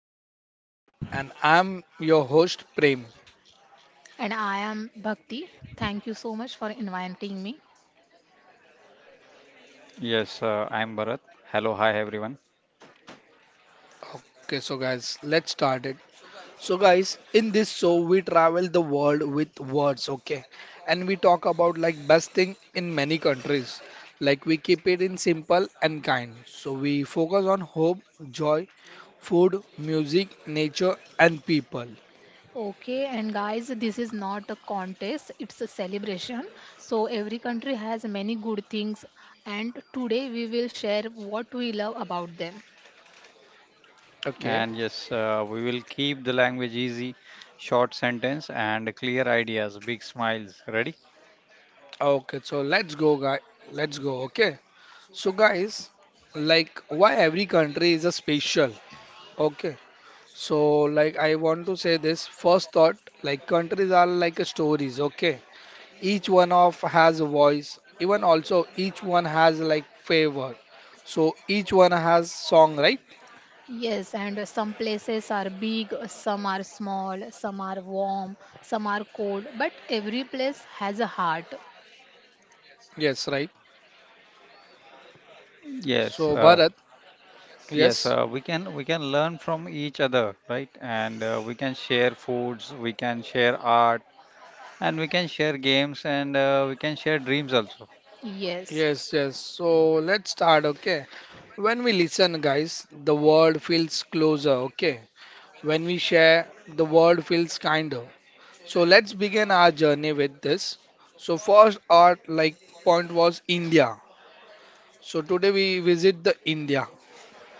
Something Amazing, and I'm your host Prem. And I am Bhakti. Thank you so much for inviting me. Yes, I'm Bharat. Hello, hi everyone. Okay, so guys, let's start it. So, guys, in this show, we travel the world with words, okay, and we talk about like best thing in many countries. Like, we keep it in simple and kind. So, we focus on hope, joy, food, music, nature, and people. Okay, and guys, this is not a contest, it's a celebration. So, every country has many good things, and today we will share what we love about them. Okay, And yes, we will keep the language easy, short sentence and clear ideas, big smiles. Ready? okay, so let's go, guys. Let's go, okay. So guys, like why every country is a special? Okay. So like I want to say this first thought, like countries are like a stories, okay? Each one of has a voice, even also each one has like favor. So each one has song, right? Yes, and some places are big, some are small, some are warm, some are cold, but every place has a heart. Yes, right. Yes, So uh, Bharat, yes. yes. We can learn from each other, right? And we can share foods, we can share art, and we can share games, and we can share dreams also. Yes. Yes, yes. So let's start, okay? When we listen, guys, the world feels closer, okay? When we share, the world feels kinder. So let's begin our journey with this. So first our like point was India. So today we visit the India.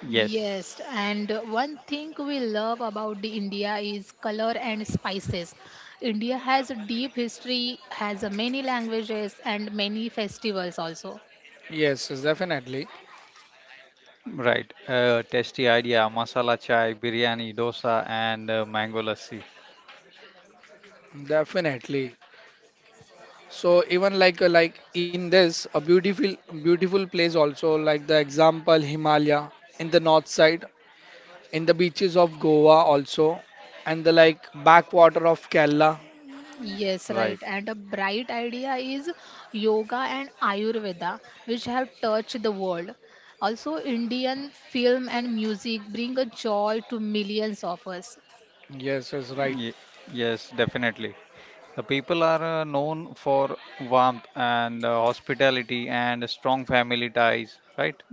Yes. Yes, and one thing we love about the India is color and spices. India has a deep history, has a many languages and many festivals also. Yes, yes, definitely, Right. Tasty idea, masala chai, biryani, dosa, and mango lassi. definitely. So even like in this a beautiful place also like the example Himalaya in the north side, in the beaches of Goa also, and the like backwater of Kerala. Yes, Right. right. And a bright idea is yoga and Ayurveda, which have touched the world. Also, Indian film and music bring a joy to millions of us. Yes, yes, right. Ye yes, definitely. The people are known for warmth and hospitality and strong family ties, right?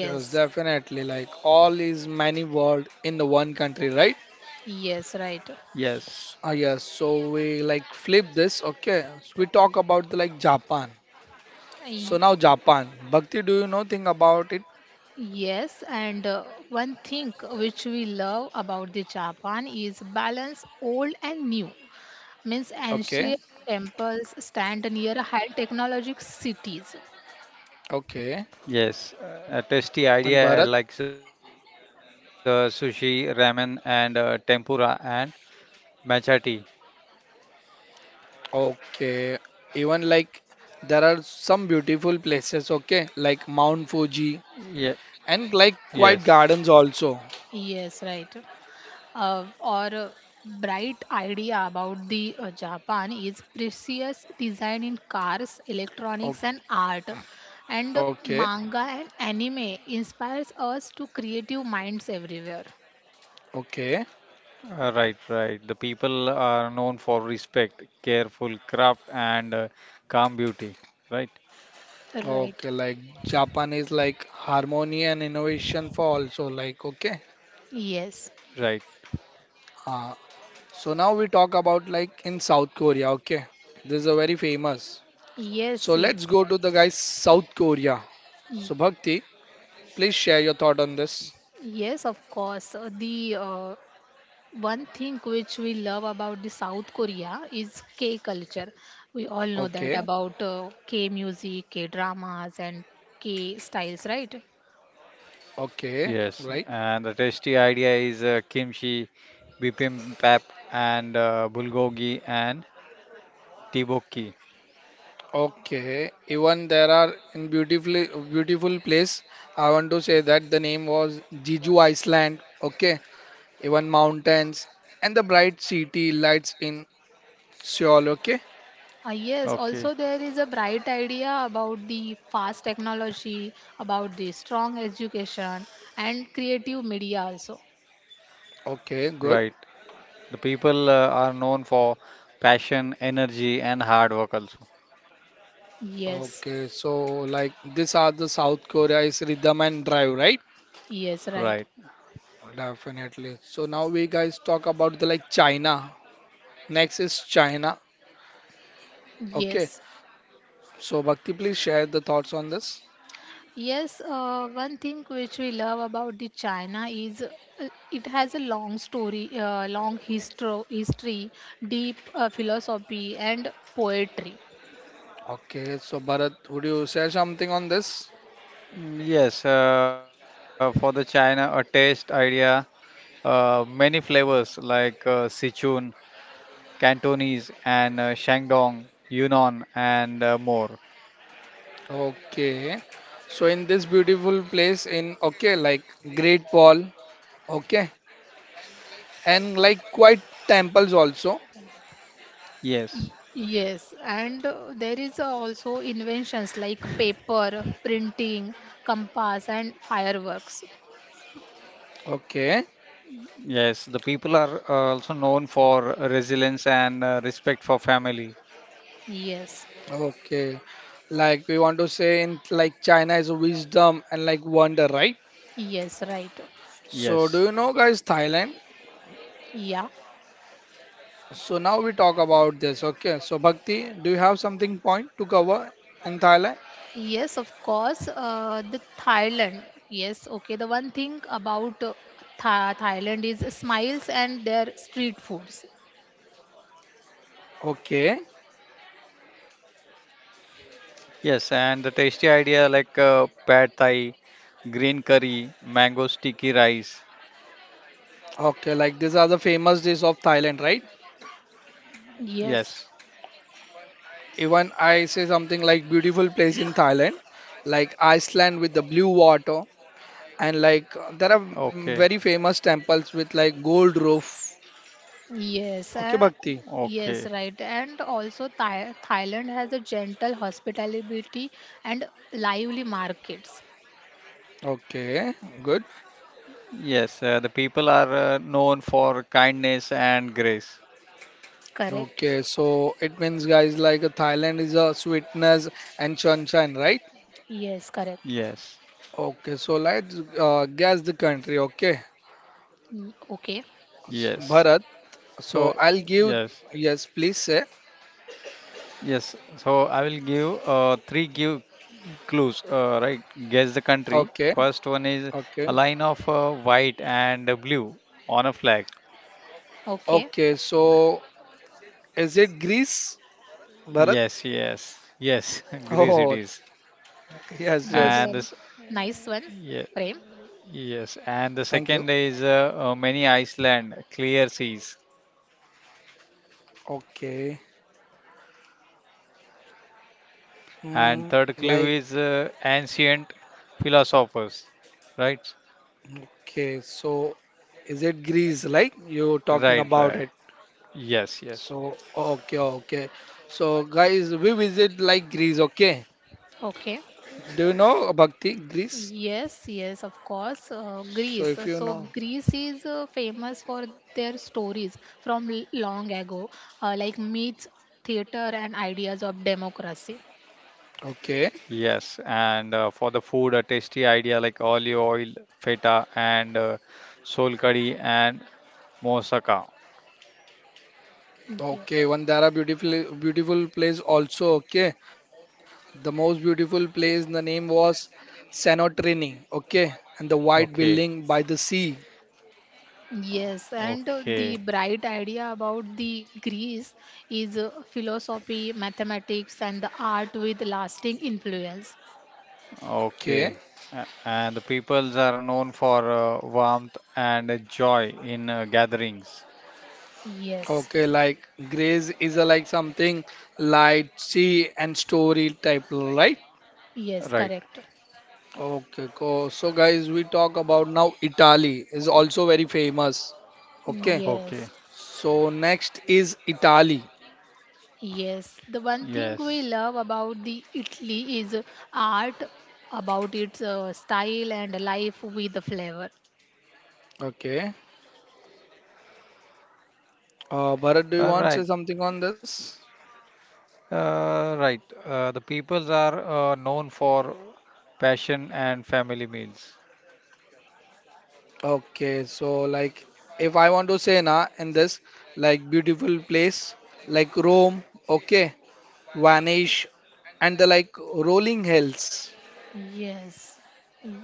Yes, definitely. Like all is many world in the one country, right? yes, right. Yes, Ah yes, so we like flip this. Okay, so we talk about the, like Japan. So now Japan, Bhakti, do you know thing about it? Yes, and one thing which we love about the Japan is balance old and new. Means Okay, ancient temples stand near high technologic cities. okay, yes. A tasty and idea Bharat. Like sushi, ramen, and tempura and matcha tea. Okay, even like there are some beautiful places. Okay, like Mount Ye Fuji and yes, like quiet gardens also. Yes, right. Or bright idea about the Japan is precious design in cars, O- electronics, and art. And Okay, manga and anime inspires us to creative minds everywhere. okay, right, right. The people are known for respect, careful craft, and calm beauty, right? Right. okay. Like Japan is like harmony and innovation for also like okay. Yes. Right. Ah, so now we talk about like in South Korea, okay? This is a very famous. So Yes, let's yes. go to the guys South Korea. Y- So Bhakti, please share your thought on this. Yes, of course. The one thing which we love about the South Korea is K culture. We all know that Okay, about K music, K dramas, and K styles, right? okay, Yes, right. and the tasty idea is kimchi, bibimbap, and bulgogi and tteokbokki. Okay. Even there are in beautifully beautiful place. I want to say that the name was Jeju Island. Okay. Even mountains and the bright city lights in Seoul. Okay. Yes, Okay, also there is a bright idea about the fast technology, about the strong education, and creative media also. Okay, good. right. The people are known for passion, energy, and hard work also. Yes, Okay, so like these are the South Korea is rhythm and drive, right? yes, right. Right. Definitely. So now we guys talk about the like China. Next is China. Okay. Yes. So Bhakti, please share the thoughts on this. Yes, one thing which we love about the China is it has a long story, long history, deep philosophy and poetry. Okay. So Bharat, would you share something on this? Yes, for the China, a taste idea, many flavors like Sichuan, Cantonese, and Shandong, Yunnan, and more. Okay. So in this beautiful place in okay, like Great Wall, okay, and like quite temples also. Yes. Yes, and there is also inventions like paper, printing, compass, and fireworks. Okay. Yes, the people are also known for resilience and respect for family. Yes, Okay. Like we want to say in like China is wisdom and like wonder, right? yes, right. So do Yes. you know guys Thailand? Yeah. So now we talk about this. Okay. So Bhakti, do you have something point to cover in Thailand? Yes, of course. The Thailand. Yes, okay. The one thing about Thailand is smiles and their street foods. Okay. Yes, and the tasty idea like pad thai, green curry, mango sticky rice. Okay, like these are the famous days of Thailand, right? Yes. Yes, Even I say something like beautiful place in Thailand, like Iceland with the blue water, and like there are Okay. Very famous temples with like gold roof. yes, Okay, Bhakti. Okay. yes, right. And also, Thailand has a gentle hospitality and lively markets. Okay, good. Yes, the people are known for kindness and grace. Correct. Okay, so it means guys like Thailand is a sweetness and sunshine, right? Yes, correct. Yes. Okay, so let's guess the country. Okay, Mm, okay, Yes. Bharat. So So, I'll give yes. yes, please say. Yes, so I will give three give clues. Right, guess the country. Okay, First one is a okay, line of white and blue on a flag. okay. okay. So is it Greece, Bharat? Yes, yes, yes, Greece it Oh, is. yes, Good And yes. one. this, Nice one, yeah, Prem. yes, and the Thank second you. is many Iceland, clear seas. Okay. Mm, And third like clue is ancient philosophers. Right, okay, so is it Greece? Like you talking right, about right. it? Yes, yes. So, okay, okay. So, guys, we visit like Greece, okay? Okay. Do you know Bhakti, Greece? Yes, yes, of course. So, Greece. If So, you know, Greece is famous for their stories from long ago, like myths, theater, and ideas of democracy. okay, Yes, and for the food, a tasty idea like olive oil, feta, and sol curry and moussaka. okay, Yeah. Vandara, beautiful, beautiful place also, okay? The most beautiful place, the name was Santorini, okay? And the white building Okay, by the sea, Yes, and okay, the bright idea about the Greece is philosophy, mathematics, and the art with lasting influence. okay? okay. And the peoples are known for warmth and joy in gatherings. Yes, Okay, like Greece is a, like something light, sea, and story type, right? yes, Right. correct. Okay, cool. So, guys, we talk about now Italy is also very famous. Okay, Okay. Yes. so next is Italy. Yes, the one thing we Yes. love about the Italy is art, about its style and life with the flavor. Okay, Bharat, do you All want right. to say something on this? Right. The peoples are known for passion and family meals. Okay, so like if I want to say na in this like beautiful place like Rome, okay, Vanish, and the like rolling hills. Yes,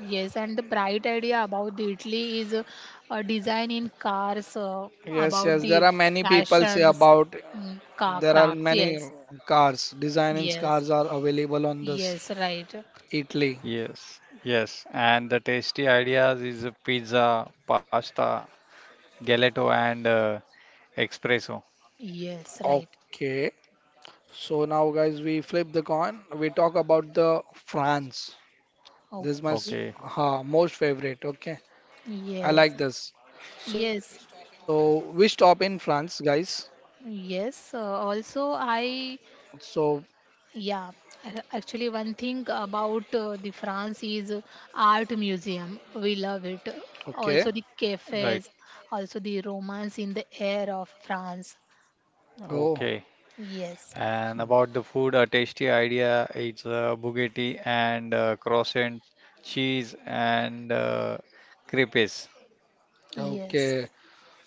yes, and the bright idea about the Italy is a design in cars, Yes, about yes, there the are many people say fashions, about car there are crafts. many Yes, cars, designing yes, cars are available on this yes, right, Italy. Yes, yes, and the tasty ideas is a pizza, pasta, gelato, and espresso. yes, right. Okay. So now, guys, we flip the coin. We talk about the France. This is my Okay, Okay, most favorite. Okay. I yes, like this. So yes, we stop in France, guys. yes. Also, I So, Yeah, actually, one thing about the France is art museum. We love it. okay. Also the right. cafes, also the romance in the air of France. Oh, Okay, Yes, and about the food, a tasty idea is bugatti and croissant, cheese, and crepes. yes, okay.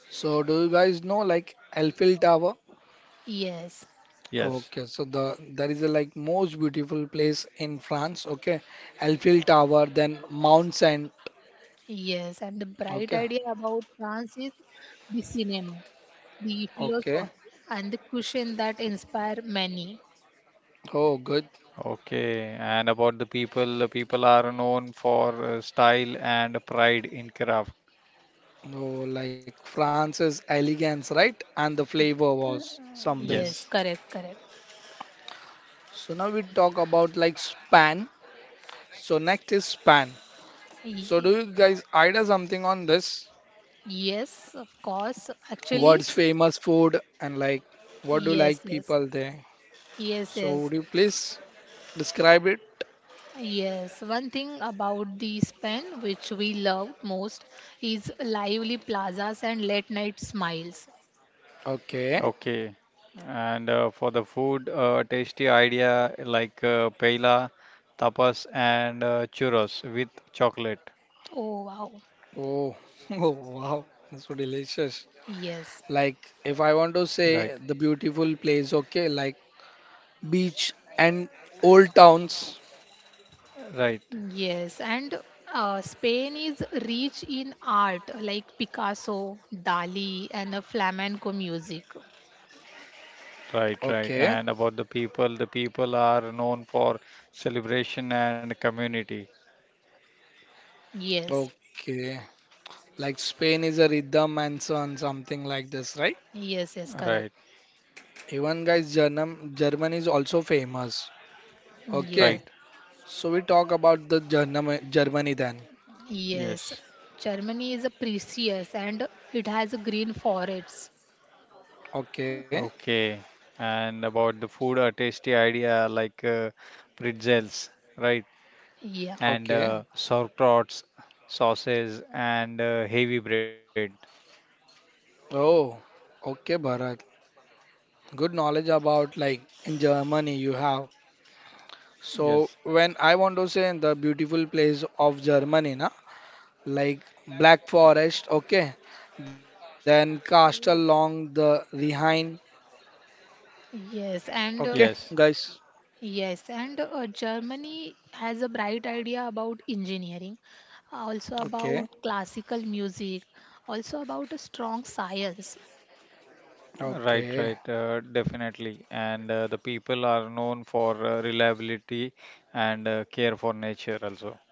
So do you guys know like Eiffel Tower? yes, Yes. Okay, so the that is a like most beautiful place in France. Okay, Eiffel Tower, then Mount Saint. yes. And the bright Okay, idea about France is the cinema, the okay. philosophy, and the cushion that inspire many. Oh, good. Okay, and about the people are known for style and pride in craft. Oh, like France's elegance, right? And the flavor was something. Yes, Yes. correct, correct. So now we talk about like span. So next is span. So do Ye- you guys idea something on this? Yes, of course. Actually, What's famous food and like what do yes, like yes, people there? yes, So yes. would you please describe it? Yes, one thing about the Spain which we loved most is lively plazas and late night smiles. Okay. Okay. And for the food, tasty idea like paella, tapas, and churros with chocolate. Oh wow. Oh, oh wow. That's so delicious. Yes. Like if I want to Right, say the beautiful place, okay, like beach and old towns. right, Yes, and Spain is rich in art like Picasso, Dali, and flamenco music. right, Okay. right. And about the people are known for celebration and community. Yes, Okay, like Spain is a rhythm and so on, something like this, right? yes, yes, correct. Right, Even guys, Germany is also famous. Yes, Okay, right. so we talk about the Germany then. yes. Yes. Germany is a precious and it has green forests. Okay, Okay. And about the food, a tasty idea like pretzels, right? Yeah, And okay. Sauerkrauts, sauces, and heavy bread. Oh, okay, Bharat. Good knowledge about like in Germany you have. Yes. So when I want to say the beautiful place of Germany, na like Black Forest. Okay, then castle along the Rhine. yes, Okay, and Yes, guys. Yes, and Germany has a bright idea about engineering, also Okay. about classical music, also about a strong science. right, Okay, right, definitely. And the people are known for reliability and care for nature also.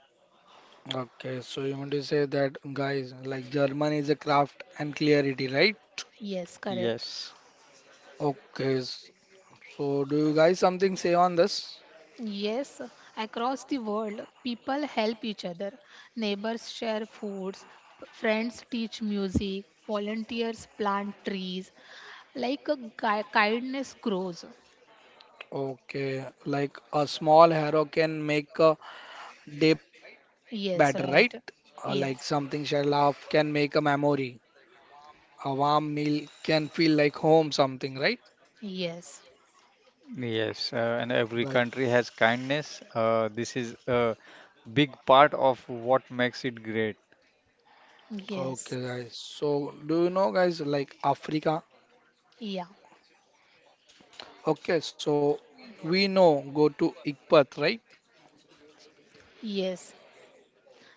okay. So you want to say that guys, like German is a craft and clarity, right? Yes, correct. Yes, Okay. So do you guys something say on this? Yes, across the world, people help each other. Neighbors share foods, friends teach music, volunteers plant trees. Like a kindness grows. Okay, like a small hero can make a day better, right? Yes, Like right. something share Yes, laugh can make a memory. A warm meal can feel like home, something, right? yes, yes, and every Right. country has kindness. This is a big part of what makes it great. yes, Okay, guys. So do you know, guys, like Africa? yeah, Okay, so we know go to Ikpat, right? yes.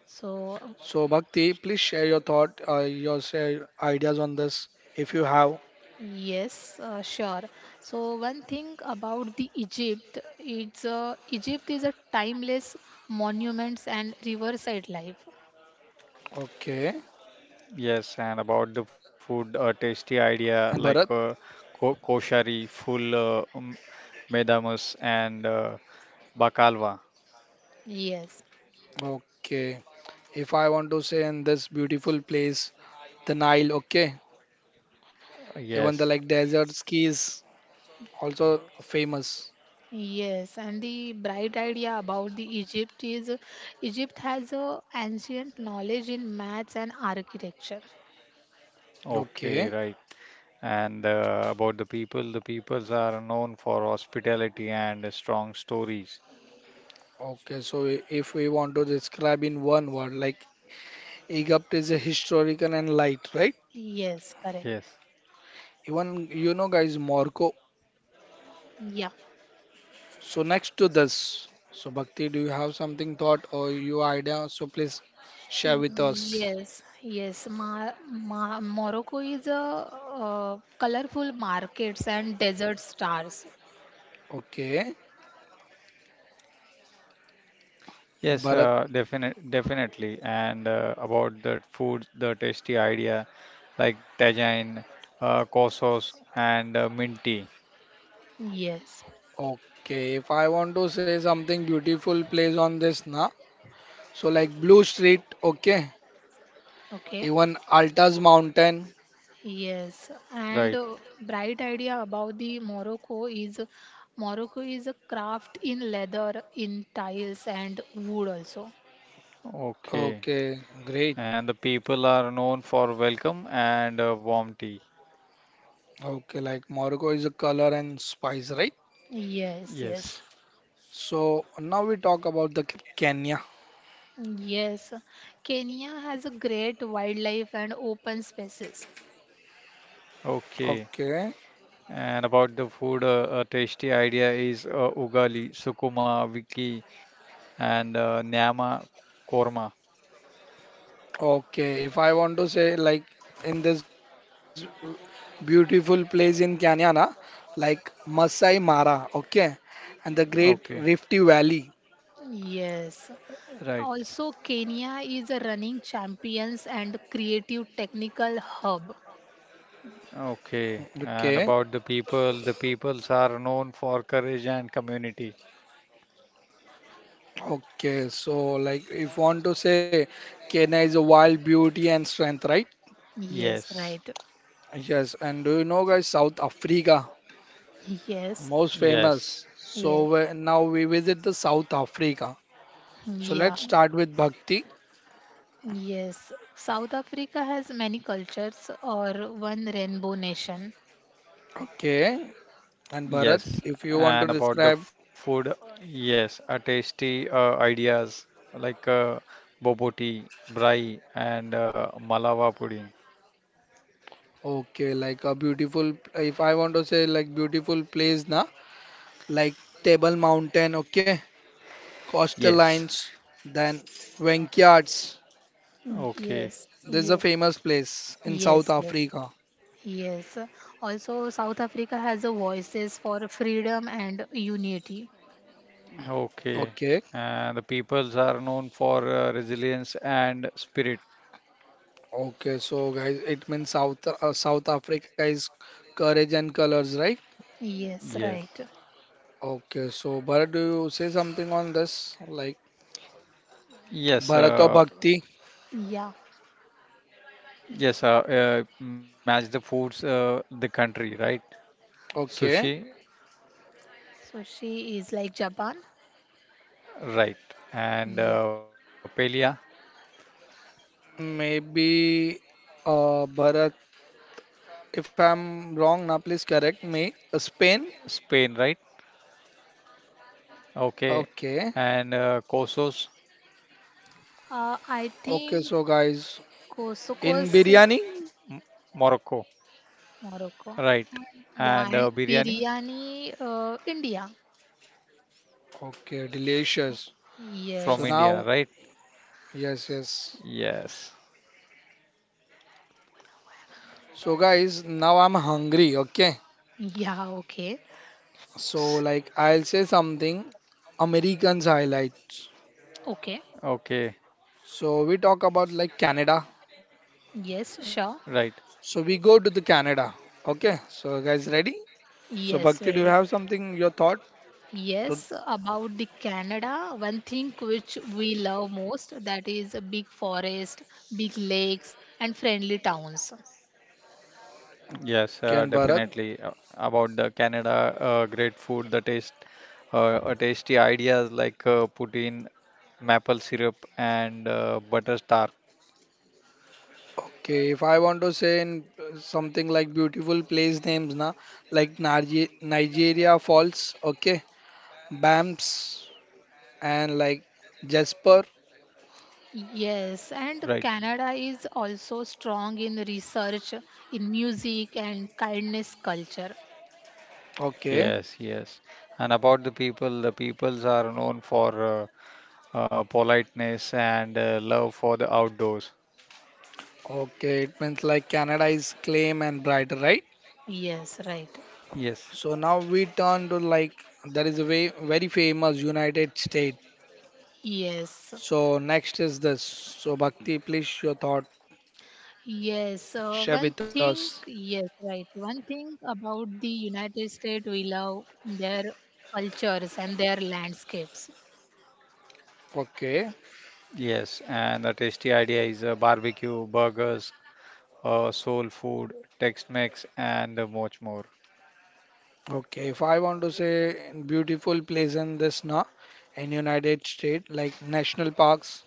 So, So, Bhakti, please share your thought, your share ideas on this if you have. yes, sure. So, one thing about the Egypt, it's Egypt is a timeless monuments and riverside life. Okay. Yes, and about the And food, Bharat, a tasty idea like ko koshari, full medamus, and bakalva. Yes, okay. If I want to say in this beautiful place, the Nile, okay. Even the Yes, like desert skis, also famous. yes, and the bright idea about the Egypt is Egypt has a ancient knowledge in maths and architecture. okay, Okay. right. And about the people, the peoples are known for hospitality and strong stories. Okay. So, if we want to describe in one word, like Egypt is a historical and light, right? Yes, correct. Yes. Even you know, guys, Morocco. Yeah. So next to this, so Bhakti, do you have something thought or your idea? So please share with us. Yes, yes. Ma Ma Morocco is a colorful markets and desert stars. Okay, Yes, Bharat. Definitely. And about the food, the tasty idea like tagine, kosos, and mint tea. Yes. Okay, if I want to say something beautiful place on this, na. So like Blue Street. Okay, Okay. even Altas Mountain. Yes. And Right. Bright idea about the Morocco is a craft in leather, in tiles and wood also. Okay. Okay, great. And the people are known for welcome and warm tea. Okay, like Morocco is a color and spice, right? Yes, yes. Yes. So now we talk about the Kenya. Yes. Kenya has a great wildlife and open spaces. Okay. Okay. And about the food, a tasty idea is ugali, sukuma, wiki, and Nyama Korma. Okay, if I want to say like in this beautiful place in Kanyana, like Masai Mara, okay, and the Great Rifty Okay, Valley, Yes. right. Also, Kenya is a running champions and creative technical hub. Okay. okay, And about the people, the peoples are known for courage and community. okay. So like if want to say Kenya is a wild beauty and strength, right? Yes, Yes, right. Yes, and do you know guys South Africa, Yes. most yes, famous. So Yes. Now we visit the South Africa. So Yeah. let's start with Bhakti, Yes, South Africa has many cultures or one rainbow nation. okay, and Bharat. yes. If you want to And about the describe food, yes, a tasty ideas like boboti, brai, and malawa pudding. okay, like a beautiful, if I want to say like beautiful place, na, like Table Mountain, okay, coastal Yes. lines, then Wenkyards. Okay, Yes, This is a yes, famous place in South yes, yes, Africa. yes. Also, South Africa has a voices for freedom and unity. okay. Okay, And the peoples are known for resilience and spirit. okay, so guys, it means South South Africa is courage and colors, right? Yes, Yes. right. Okay, so Bharat, do you say something on this, like Yes, Bharat or uh, Bhakti? Yeah. Yes, match the foods, the country, right? Sushi, Okay, So she is like Japan. right. And Yeah. Paella, maybe Bharat. If I'm wrong, now please correct me. Spain? Spain, right? Okay. And Okay. Cosos, I Okay, think so guys, in Kosoko's biryani? M Morocco, Morocco. right. Yeah, And and biryani biryani, India. Okay, delicious. Yes. So from now, India, right? yes, yes. Yes, So guys, now I'm hungry, okay? Yeah, okay. So yes. like I'll say something Americans highlights. Okay. Okay, So we talk about like Canada. Yes, sure. right. So we go to the Canada. Okay, so guys ready? So Yes, Bhakti, do you ready. have something your thought to Yes, about the Canada, one thing which we love most that is a big forest, big lakes, and friendly towns. Ken Yes, Bharat? Definitely. About the Canada, great food, the tasty ideas like poutine, maple syrup, and butter tart, Okay, if I want to say in something like beautiful place names, na, like Nargi Nigeria Falls, okay, Banffs, and like Jasper, Yes, and right? Canada is also strong in research, in music, and kindness culture. okay, Yes, yes. And about the people, the peoples are known for politeness and love for the outdoors. okay, it means like Canada is claim and brighter, right? Yes, right. Yes, So now we turn to like there is a way very famous United States. Yes, So next is this. So Bhakti, please your thought yes, share one with us. thing, yes, right. One thing about the United States, we love their cultures and their landscapes. Okay. yes. And the tasty idea is barbecue, burgers, soul food, Tex-Mex, and much more. Okay, if I want to say in beautiful place in this na in United States, like national parks,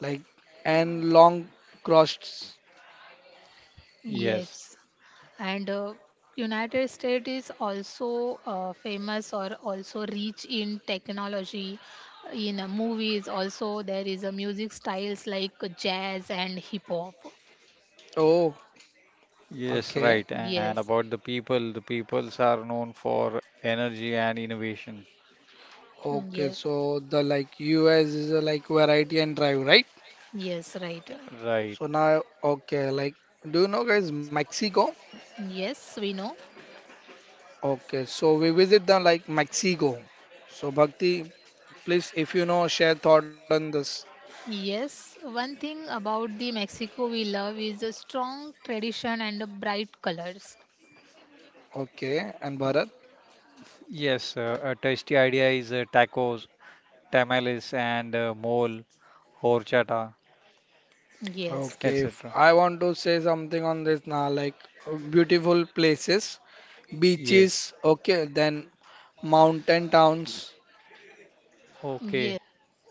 like and long crossed. Yes, Yes, and United States is also famous or also rich in technology, in movies. Also, there is a music styles like jazz and hip hop. Oh, yes, right. okay, And about the Yes, people, the peoples are known for energy and innovation. Okay. yes, So the like U.S. is a like variety and drive, right? yes, right. Right. So now, okay, like do you know guys Mexico? Yes, we know. Okay, so we visit the like Mexico. So Bhakti, please if you know share thought on this. Yes, one thing about the Mexico we love is the strong tradition and the bright colors. Okay, and Bharat. Yes, a tasty idea is tacos, tamales, and mole, horchata, Yes, Okay, if etc. I want to say something on this now, like beautiful places, Yes. beaches, okay, then mountain towns. yes. Okay.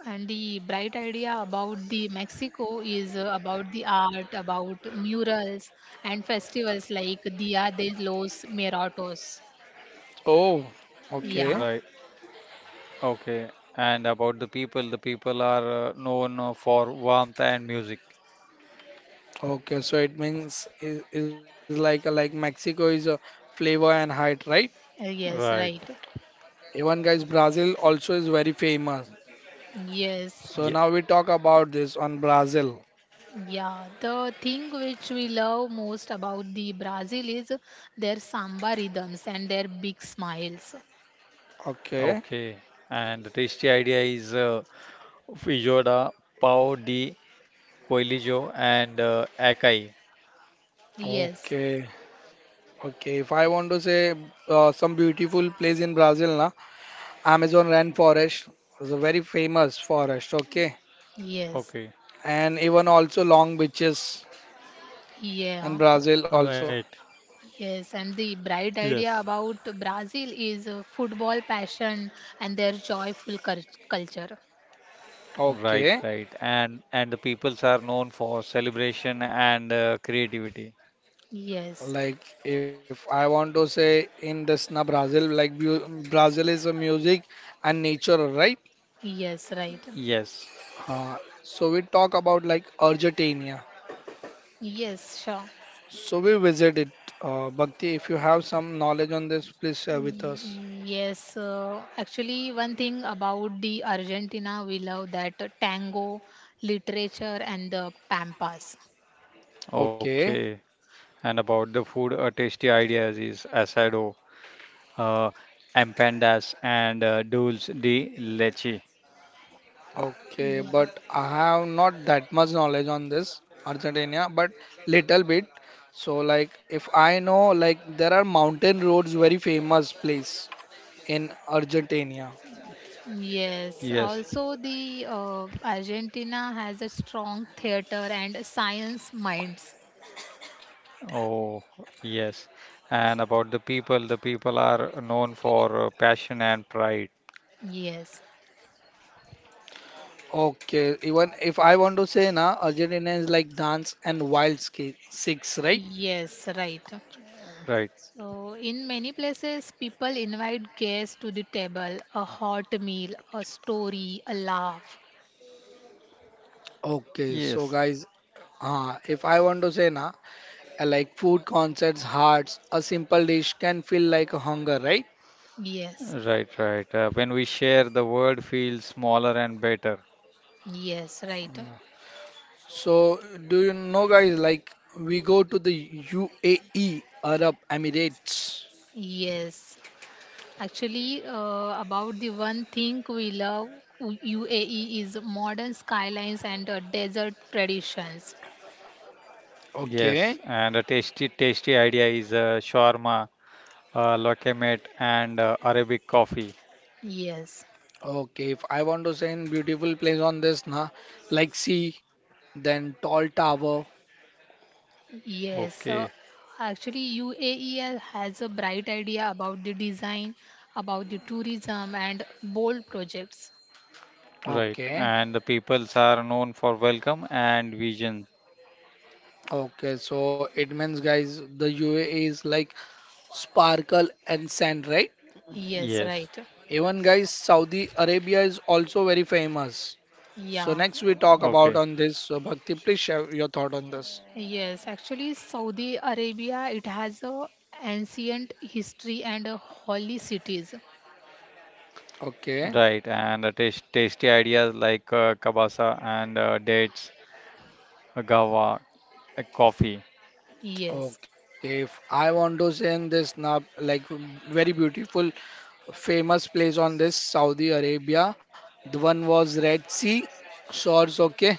And the bright idea about the Mexico is about the art, about murals and festivals like Dia de los Muertos. Oh, Right. Yeah, okay, Okay. And about the people are known for warmth and music. okay, so it means is like Mexico is a flavor and height, right? Yes, Right. right. Even guys, Brazil also is very famous. Yes. Yeah. So now we talk about this on Brazil. Yeah, the thing which we love most about the Brazil is their samba rhythms and their big smiles. Okay, Okay. And the tasty idea is Fijoda, Pao di Coelijo, and Acai. Yes, okay, okay. If I want to say some beautiful place in Brazil, na. Amazon rainforest is a very famous forest, okay? yes, Okay. And even also long beaches in yeah, Brazil Right. also. yes. And the bright Yes. idea about Brazil is football passion and their joyful culture. Right. Right. Okay. And the peoples are known for celebration and creativity. Yes, Like if I want to say in this na Brazil, like Brazil is a music and nature, right? yes, right. Yes. Uh, so we talk about like Argentina. Yes, sure. So we visited. Bhakti, if you have some knowledge on this, please share with us. Yes, actually, one thing about the Argentina, we love that tango, literature, and the pampas. Okay. Okay. And about the food, a tasty idea is asado. uh, Empanadas, and dulce de leche. Okay, Yeah. but I have not that much knowledge on this Argentina, but little bit. So like if I know like there are mountain roads very famous place in Argentina. Yes. Yes. Also, the Argentina has a strong theater and science minds. Oh, yes. And about the people are known for passion and pride. Yes, Okay, even if I want to say na Argentina is like dance and wild ski six, right? yes, right. Right. So, in many places, people invite guests to the table, a hot meal, a story, a laugh. Okay, so Yes. guys, if I want to say na like food concerts, hearts, a simple dish can feel like a hunger, right? Yes, Right, right. When we share, the world feels smaller and better. yes, right. Mm. So, do you know, guys? Like, we go to the UAE, Arab Emirates. Yes. Actually, about the one thing we love, UAE is modern skylines and desert traditions. Yes. Okay, And a tasty idea is shawarma, lokemate, and Arabic coffee. Yes. okay. If I want to say in beautiful place on this, na, like sea, then tall tower. Yes, Okay. so actually UAE has a bright idea about the design, about the tourism and bold projects. Right. Okay, And the peoples are known for welcome and vision. okay. So it means, guys, the UAE is like sparkle and sand, right? Yes, right. Yes. Even, guys, Saudi Arabia is also very famous. So Yeah. next we talk about on Okay. this. So, Bhakti, please share your thought on this. Yes, actually Saudi Arabia it has a ancient history and a holy cities. Okay. Right, and the tasty ideas like kabasa and dates, gawa, coffee. Yes. Okay, if I want to send this nab like very beautiful, famous place on this Saudi Arabia. The one was Red Sea shores. Okay,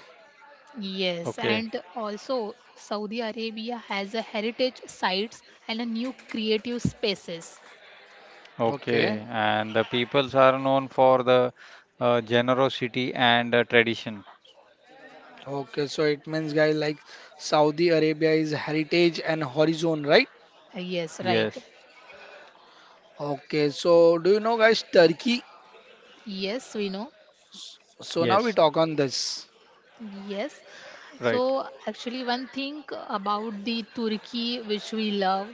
Yes, Okay, and also Saudi Arabia has a heritage sites and a new creative spaces. okay. okay, And the peoples are known for the generosity and tradition. okay. So it means, guys, like Saudi Arabia is heritage and horizon, right? Yes, right. Yes, Okay. So do you know, guys, Turkey? Yes, we know. So now we yes, talk on this. Yes. right. So actually one thing about the Turkey which we love,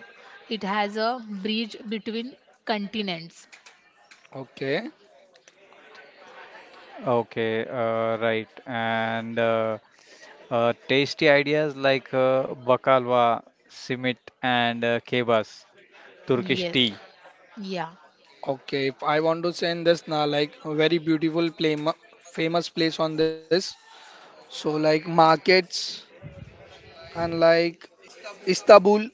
it has a bridge between continents. Okay, Okay, right. And tasty ideas like baklava, simit, and kebabs, Turkish Yes. tea. Yeah. okay. If I want to send this now, like a very beautiful play, famous place on this. So like markets and like Istanbul,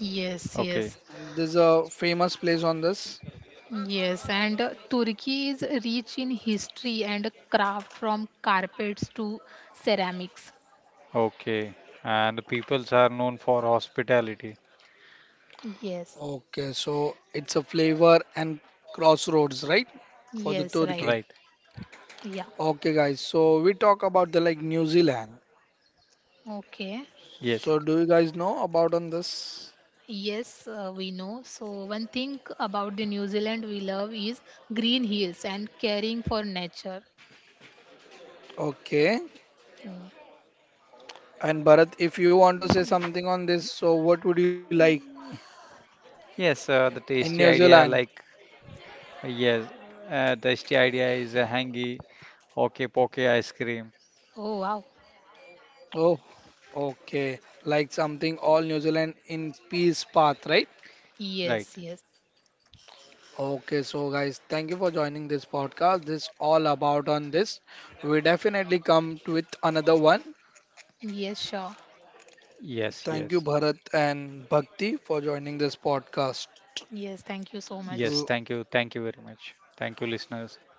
Yes, Okay, yes. there's a famous place on this. Yes, and Turkey is rich in history and craft from carpets to ceramics. okay. And the peoples are known for hospitality. Yes. Okay, so it's a flavor and crossroads, right? For the Yes, Right. right. Turkey. Yeah. Okay, guys, so we talk about the like New Zealand. Okay. Yes. So do you guys know about on this? Yes, we know. So one thing about the New Zealand we love is green hills and caring for nature. Okay. Mm. And Bharat, if you want to say something on this, so what would you like Yes. The in New tasty Zealand? idea, like yes, Tasty idea is a hangy, okay, poke ice cream. Oh wow. Oh, okay. Like something all New Zealand in peace path, right? Yes, Right. yes. Okay, so guys, thank you for joining this podcast. This is all about on this. We definitely come to with another one. Yes, sure. Yes. Thank you, Yes. Bharat and Bhakti, for joining this podcast. Yes, thank you so much. Yes. Thank you. Thank you very much. Thank you, listeners.